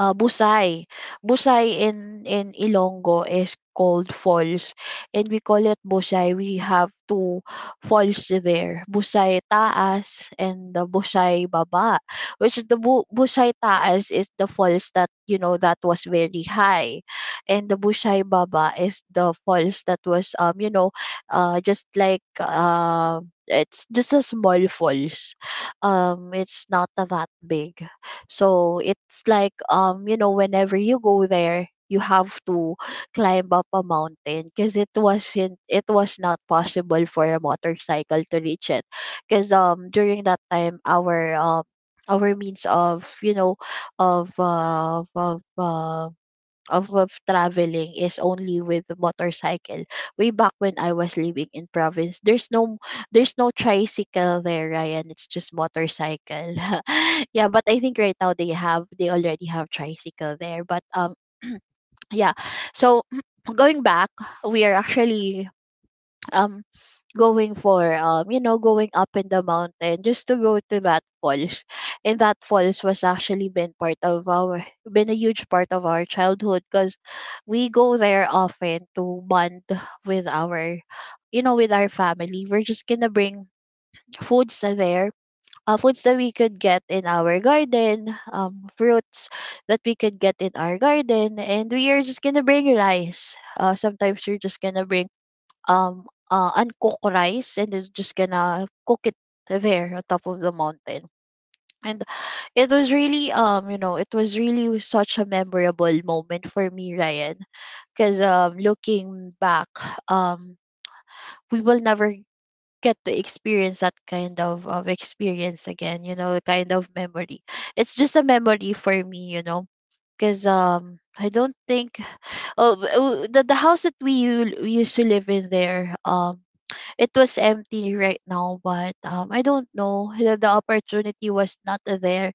B: uh, Busay. Busay in in Ilonggo is called falls, and we call it Busay. We have two falls there, Busay Taas and the Busay Baba, which is the Bu- Busay Taas is the falls that you know that was very high, and the Busay Baba is the falls that was um you know uh just like uh, it's just a small falls, um it's not that big. So it's like, um you know whenever you go there you have to climb up a mountain, because it wasn't it was not possible for a motorcycle to reach it, because um during that time our um our means of you know of uh, of um of, of traveling is only with motorcycle. Way back when I was living in province, there's no there's no tricycle there, Ryan. It's just motorcycle. Yeah, but I think right now they have they already have tricycle there. But um yeah. So going back, we are actually um going for, um you know going up in the mountain just to go to that falls. And that falls was actually been part of our been a huge part of our childhood, because we go there often to bond with our, you know with our family. We're just gonna bring foods that there uh, foods that we could get in our garden, um fruits that we could get in our garden, and we are just gonna bring rice. Uh sometimes we're just gonna bring um, uh, uncooked rice, and they're just gonna cook it there on top of the mountain. And it was really, um you know it was really such a memorable moment for me, Ryan, because um looking back, um we will never get to experience that kind of, of experience again. You know, the kind of memory, it's just a memory for me, you know. Because um I don't think, oh w- w- the, the house that we u- we used to live in there, um it was empty right now. But um I don't know, the, the opportunity was not there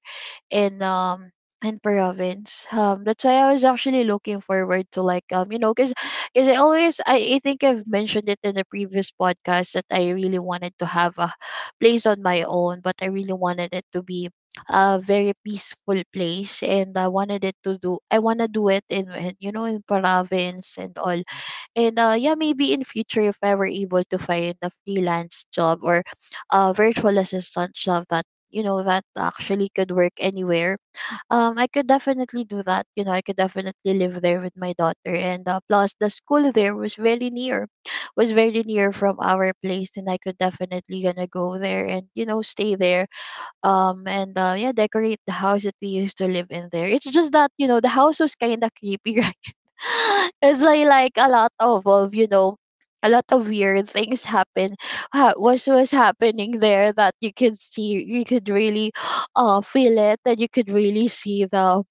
B: in um in province, um that's why I was actually looking forward to like, um you know because because i always I, I think I've mentioned it in the previous podcast, that I really wanted to have a place on my own, but I really wanted it to be a very peaceful place, and I wanted it to do, I want to do it in, in you know in province and all. And uh, yeah, maybe in future, if I were able to find a freelance job or a virtual
A: Mm-hmm.
B: assistant job that, you know that actually could work anywhere, um, I could definitely do that. You know, I could definitely live there with my daughter, and uh, plus the school there was very near, was very near from our place, and I could definitely gonna go there and, you know stay there. Um and uh, Yeah, decorate the house that we used to live in there. It's just that, you know, the house was kind of creepy, right? It's like, like a lot of, of, you know, a lot of weird things happen ha- was was happening there, that you could see, you could really uh feel it, and you could really see the,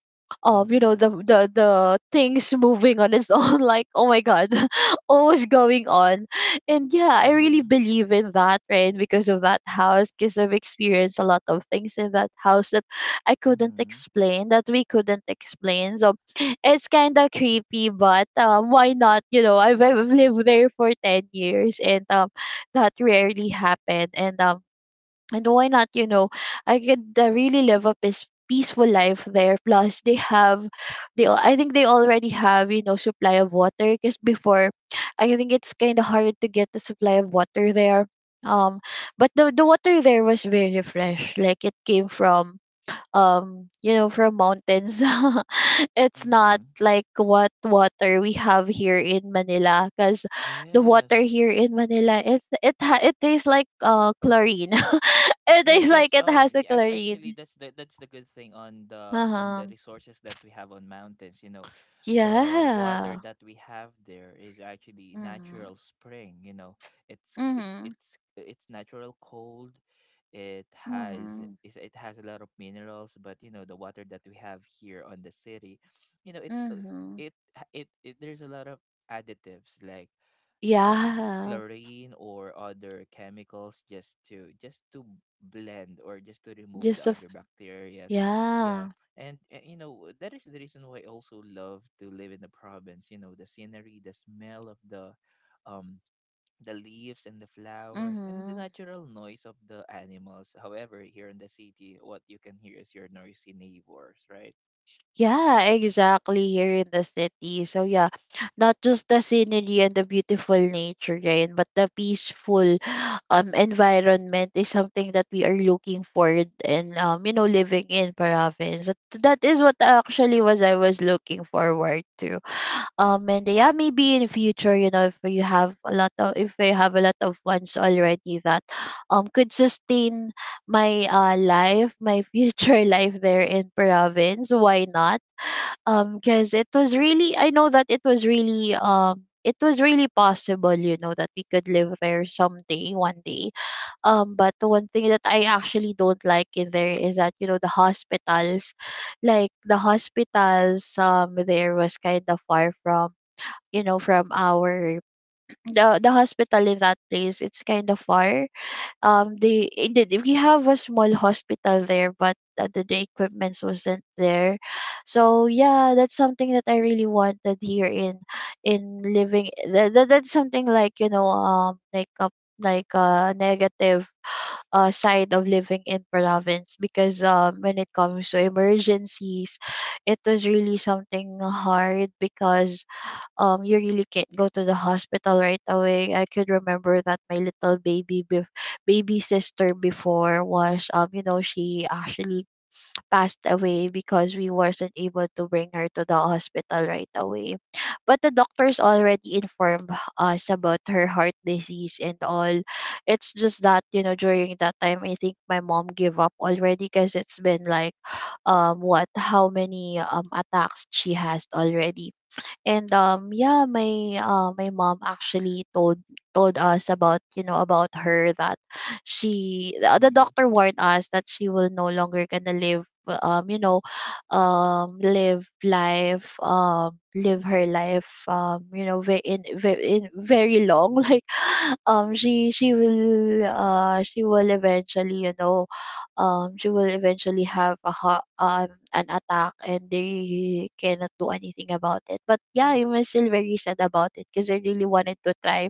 B: um you know
A: Mm-hmm.
B: the the the things moving on its own. Like, oh my god. What was going on? And yeah, I really
A: Mm-hmm.
B: believe in that, right? Because of that house, because I've experienced a lot of things in that house that I couldn't
A: Mm-hmm.
B: explain, that we couldn't explain. So it's kind of creepy, but um, why not? You know, I've, I've lived there for ten years, and um, that rarely happened. And um, and why not? You know, I could uh, really live a peace, peaceful life there, plus they have, they al- I think they already have, you know, supply of water. Because before, I think it's kind of hard to get the supply of water there. um but the, the water there was very fresh, like it came from, um you know from mountains. It's not
A: Mm-hmm.
B: like what water we have here in Manila, because the water
A: Yes.
B: here in Manila, it's it ha- it tastes like uh chlorine. It
A: Yes,
B: tastes like
A: yes.
B: it
A: Um,
B: has a
A: yeah, ac- actually,
B: chlorine.
A: that's the that's the good thing on the on the
B: Uh-huh.
A: resources that we have on mountains. You know, the water
B: Yeah.
A: that we have there is actually
B: Mm-hmm.
A: natural spring. You know, it's it's
B: Mm-hmm.
A: it's it's natural cold. It has
B: Mm-hmm.
A: is- it has a lot of minerals, but you know the water that we have here on the city, you know, it's uh,
B: Mm-hmm.
A: it ha- it, it there's a lot of additives like um
B: Yeah.
A: chlorine or other chemicals, just to just to blend or just to remove the
B: just a f-
A: other bacterias. Yeah,
B: yeah.
A: and, and you know that is the reason why I also love to live in the province. You know the scenery, the smell of the um the leaves and the flowers, and the
B: Mm-hmm.
A: natural noise of the animals. However, here in the city, what you can hear is your noisy neighbors, right?
B: Yeah, exactly. Here in the city. So yeah, not just the scenery and the beautiful nature, right? But the peaceful um environment is something that we are looking for in, um, you know, living in province. That that is what actually was I was looking forward to. Um and yeah, maybe in future, you know, if you have a lot of if I have a lot of funds already that um could sustain my uh life, my future life there in province, why not? Um because it was really, I know that it was really, um it was really possible, you know, that we could live there someday one day. Um but one thing that I actually don't like in there is that, you know, the hospitals, like the hospitals, um there was kind of far from, you know, from our, the the hospital in that place, it's kind of far. Um they it did We have a small hospital there, but uh, the, the equipment wasn't there. So yeah, that's something that I really wanted here in in living, that, that, that's something like, you know, um like a like a negative uh, side of living in province. Because um, when it comes to emergencies, it was really something hard, because um you really can't go to the hospital right away. I could remember that my little baby bef- baby sister before was, um you know she actually passed away, because we wasn't able to bring her to the hospital right away. But the doctors already informed us about her heart disease and all. It's just that, you know, during that time, I think my mom gave up already, because it's been like, um what, how many um attacks she has already. And um yeah, my uh my mom actually told told us about, you know, about her, that she the the
A: Mm-hmm.
B: doctor warned us that she will no longer gonna live, um you know um live life, um live her life, um you know very in, ve- in very long, like, um she she will uh she will eventually, you know, um, she will eventually have a ha- um, an attack, and they cannot do anything about it. But yeah, I was still very sad about it, because I really wanted to try.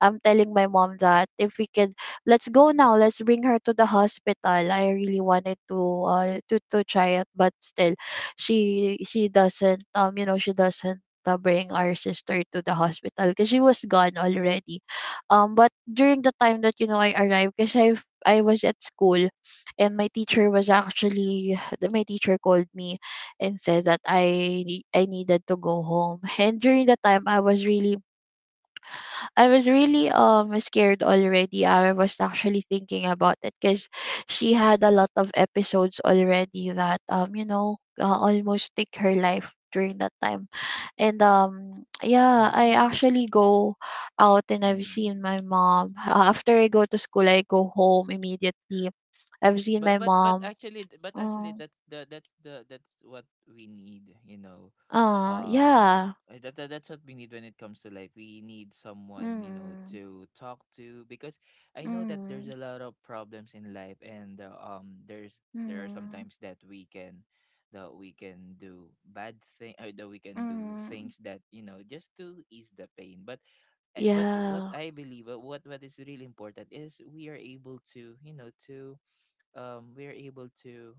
B: I'm telling my mom that if we could, let's go now. Let's bring her to the hospital. I really wanted to uh, to to try it, but still, she she doesn't, um you know she doesn't uh, bring our sister to the hospital, because she was gone already. Um, but during the time that, you know, I arrived, because I I was at school, and my teacher was actually my teacher called me and said that I nee- I needed to go home. And during that time I was really, I was really
A: Mm-hmm.
B: um scared already. I was actually thinking about it, because she had a lot of episodes already that, um you know uh, almost take her life during that time. And um yeah, I actually go out and I've
A: Mm-hmm.
B: seen my mom. Uh, after I go to school, I go home immediately. I've seen my
A: But but but
B: mom.
A: actually, but actually
B: Oh,
A: that's the that's the that's what we need, you know.
B: aw,
A: Um
B: yeah.
A: uh, that, that that's what we need when it comes to life. We need someone, you know,
B: Mhm.
A: to talk to, because I know that there's
B: Mhm.
A: a lot of problems in life, and uh, um there's there are
B: Mhm.
A: sometimes that we can that we can do bad thing or that we can do
B: Mhm.
A: things that, you know, just to ease the pain. But eh, but what
B: Yeah.
A: I believe, uh, what what is really important is we are able to, you know, to um we are able to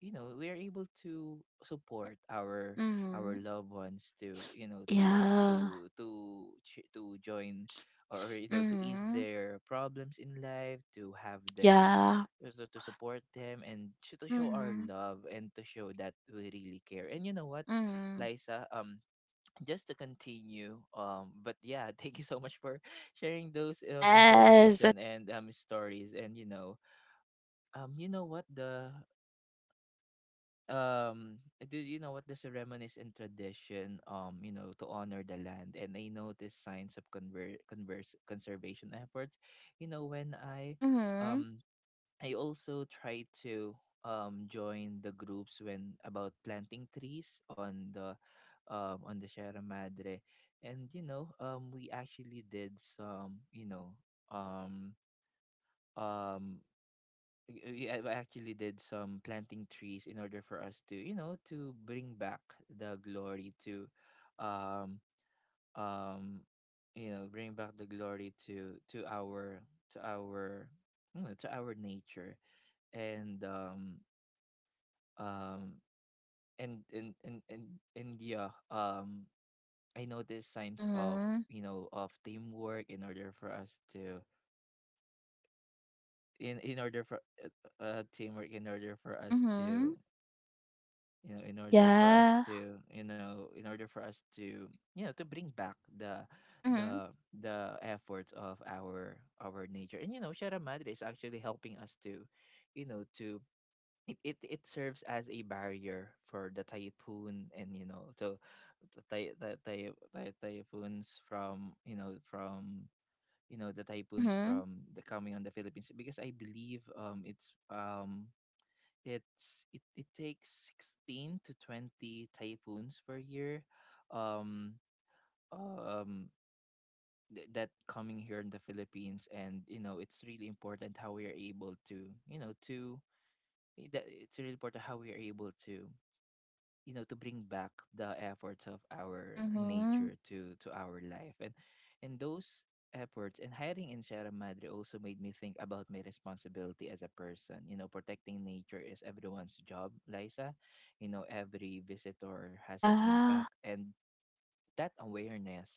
A: you know we are able to support our our
B: Mhm.
A: loved ones, to you know to
B: Yeah.
A: to to ch- to join, or you know to ease
B: Mhm.
A: their problems in life, to have them
B: Yeah.
A: uh, to, to support them, and sh- to show our
B: Mhm.
A: love, and to show that we really care. And you know what
B: Mhm.
A: Liza, um just to continue, um but yeah, thank you so much for sharing those um
B: Yes.
A: information and um stories. And you know um, you know what the um do you know what the ceremonies and tradition, um you know to honor the land? And I noticed signs of conver- converse conservation efforts. You know when I
B: Mhm.
A: um I also try to um join the groups when about planting trees on the um on the Sierra Madre. And you know um we actually did some you know um um we a- actually did some planting trees in order for us to you know to bring back the glory to um um you know bring back the glory to to our to our you know, to our nature. And um um and and and and, and yeah, um I noticed signs of
B: Mhm.
A: you know of teamwork in order for us to in in order for uh, uh, teamwork in order for us to
B: Mhm.
A: you know in order for us
B: Yeah.
A: to you know in order for us to you know to bring back the
B: Mhm.
A: the the efforts of our our nature. And you know Sierra Madre is actually helping us to you know to it, it, it serves as a barrier for the typhoon, and you know so the, ty- the, ty- ty- typhoons from you know from you know the typhoons
B: Mhm.
A: from the coming on the Philippines, because I believe um it's um it's it, it takes sixteen to twenty typhoons per year. um um th- that coming here in the Philippines, and you know it's really important how we are able to, you know to eh, that it's really important how we are able to you know to bring back the efforts of our
B: Mhm.
A: nature to to our life. and and those efforts and hiring in Sierra Madre also made me think about my responsibility as a person. You know protecting nature is everyone's job, Liza. You know every visitor has an
B: Yeah.
A: impact, and that awareness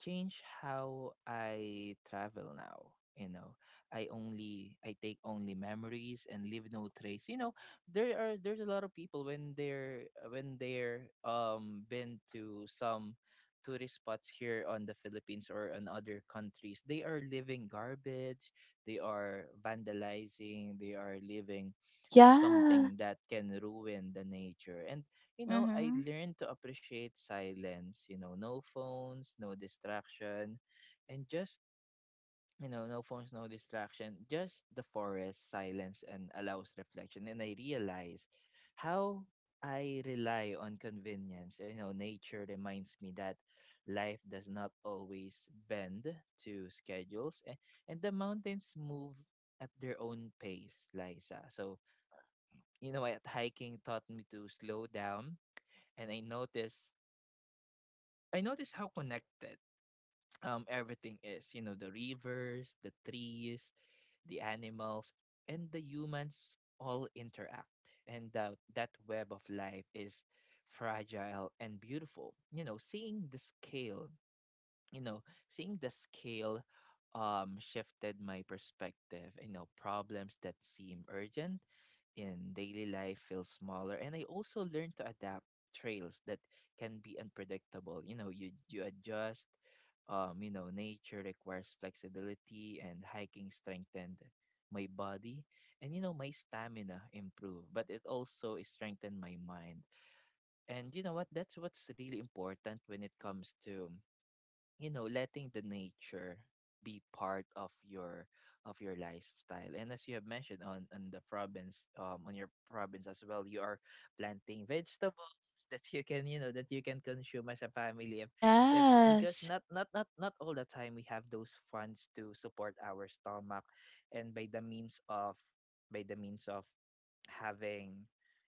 A: changed how I travel now. You know, I only I take only memories and leave no trace. You know, there are there's a lot of people when they're when they're um been to some tourist spots here on the Philippines or in other countries. They are living garbage. They are vandalizing. They are living
B: Yeah.
A: something that can ruin the nature. And, you know, I
B: Mhm.
A: learned to appreciate silence, you know, no phones, no distraction, and just, you know, no phones, no distraction, just the forest, silence, and allows reflection. And I realize how I rely on convenience. You know, nature reminds me that life does not always bend to schedules, and, and the mountains move at their own pace, Liza. So, you know what, hiking taught me to slow down and i noticed i noticed how connected um everything is, you know, the rivers, the trees, the animals, and the humans all interact. And that that web of life is fragile and beautiful. You know, seeing the scale you know, seeing the scale um shifted my perspective. You know, problems that seem urgent in daily life feel smaller, and I also learned to adapt. Trails that can be unpredictable. You know, you you adjust. Um you know, nature requires flexibility, and hiking strengthened my body, and, you know, my stamina improved, but it also strengthened my mind. And you know what, that's what's really important when it comes to, you know, letting the nature be part of your of your lifestyle. And as you have mentioned, on on the province, um on your province as well, you are planting vegetables that you can, you know, that you can consume as a family, if if because
B: Yes.
A: not not not not all the time we have those funds to support our stomach. And by the means of by the means of having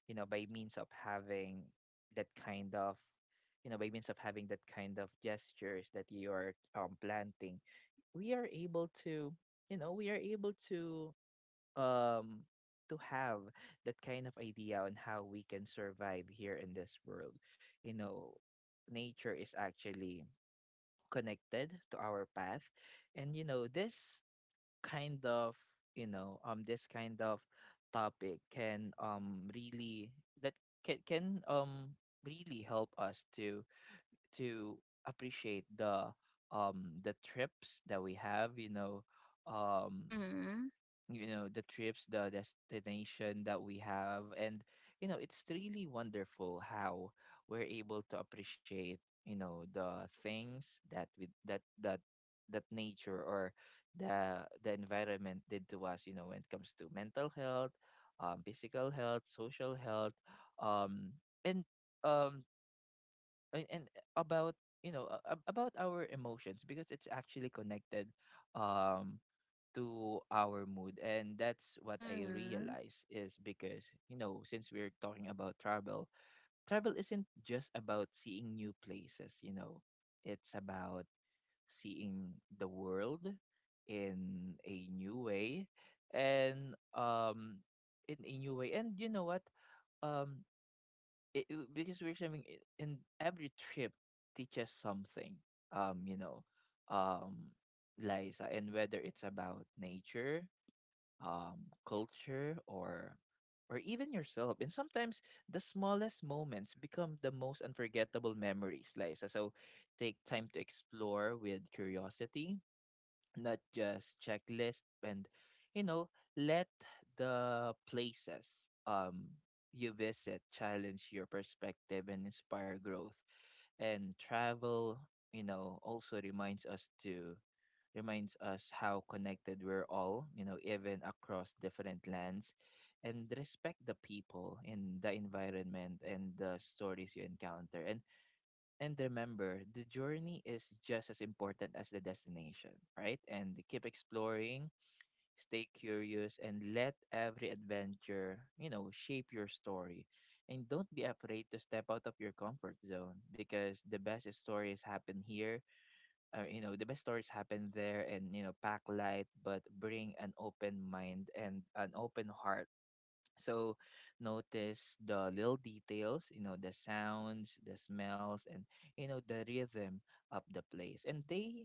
A: you know by means of having that kind of you know, by means of having that kind of gestures that you are, um, planting, we are able to, you know, we are able to um to have that kind of idea on how we can survive here in this world. You know, nature is actually connected to our path, and, you know, this kind of you know um this kind of topic can, um really, that can can um really help us to to appreciate the, um the trips that we have, you know um
B: Mhm.
A: you know the trips, the destination that we have. And, you know, it's really wonderful how we're able to appreciate, you know, the things that we that that that nature or the the environment did to us, you know, when it comes to mental health, um physical health, social health, um and um and, and about, you know, a- a- about our emotions, because it's actually connected, um to our mood. And that's what I
B: Mhm.
A: realize, is because, you know, since we're talking about travel, travel isn't just about seeing new places, you know, it's about seeing the world in a new way. And um in a new way and you know what, um it, it- because we're saying, i- in every trip teaches something, um you know um Liza. And whether it's about nature, um culture, or or even yourself, and sometimes the smallest moments become the most unforgettable memories, Liza. So take time to explore with curiosity, not just checklist. And, you know, let the places, um you visit, challenge your perspective and inspire growth. And travel, you know, also reminds us to, reminds us how connected we're all, you know, even across different lands. And respect the people in the environment and the stories you encounter. And and remember, the journey is just as important as the destination, right? And keep exploring, stay curious, and let every adventure, you know, shape your story. And don't be afraid to step out of your comfort zone, because the best stories happen here, or, you know, the best stories happen there. And, you know, pack light, but bring an open mind and an open heart. So notice the little details, you know, the sounds, the smells, and, you know, the rhythm of the place. And they,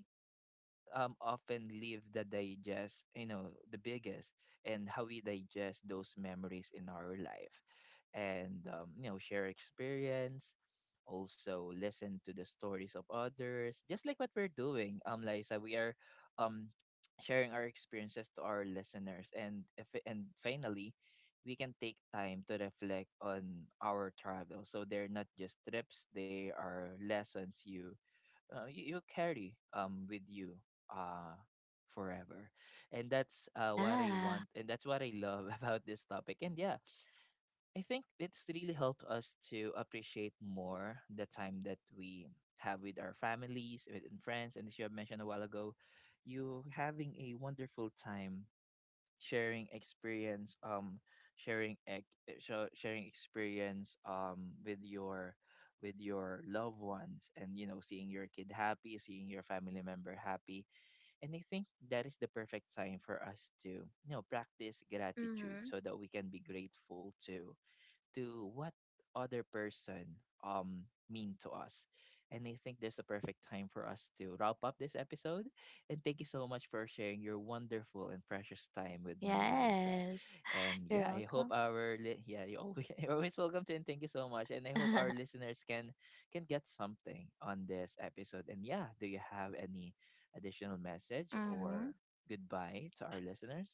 A: um often leave the digest, you know, the biggest, and how we digest those memories in our life. And, um, you know, share experience, also listen to the stories of others, just like what we're doing, um Liza. We are um sharing our experiences to our listeners. And if and finally, we can take time to reflect on our travel, so they're not just trips, they are lessons you, uh, you, you carry, um with you, uh forever. And that's uh what I want,
B: Yeah.
A: and that's what I love about this topic. And yeah, I think it's really helped us to appreciate more the time that we have with our families, with and friends. And as you have mentioned a while ago, you having a wonderful time sharing experience, um sharing ex eh, sho- sharing experience, um with your with your loved ones. And, you know, seeing your kid happy, seeing your family member happy, and I think that is the perfect time for us to, you know, practice gratitude,
B: Mhm.
A: so that we can be grateful to to what other person, um mean to us. And I think there's a perfect time for us to wrap up this episode. And thank you so much for sharing your wonderful and precious time with me, Liza.
B: Yes.
A: And
B: You're
A: yeah, I hope
B: welcome.
A: our li- yeah, you always you're always welcome to, and thank you so much. And I hope our listeners can can get something on this episode. And yeah, do you have any additional message
B: Mm-hmm.
A: or goodbye to our listeners?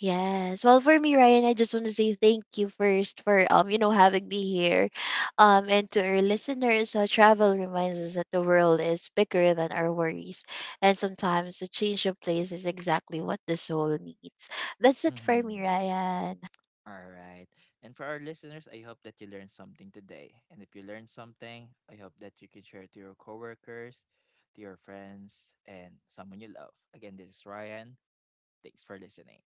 B: Yes. Well, for me, Ryan, I just want to say thank you first for, um, you know, having me here. Um, and to our listeners, uh, travel reminds us that the world is bigger than our worries, and sometimes a change of place is exactly what the soul needs. That's it for me,
A: Mm-hmm.
B: Ryan.
A: All right. And for our listeners, I hope that you learned something today. And if you learned something, I hope that you can share it to your coworkers, to your friends, and someone you love. Again, this is Ryan. Thanks for listening.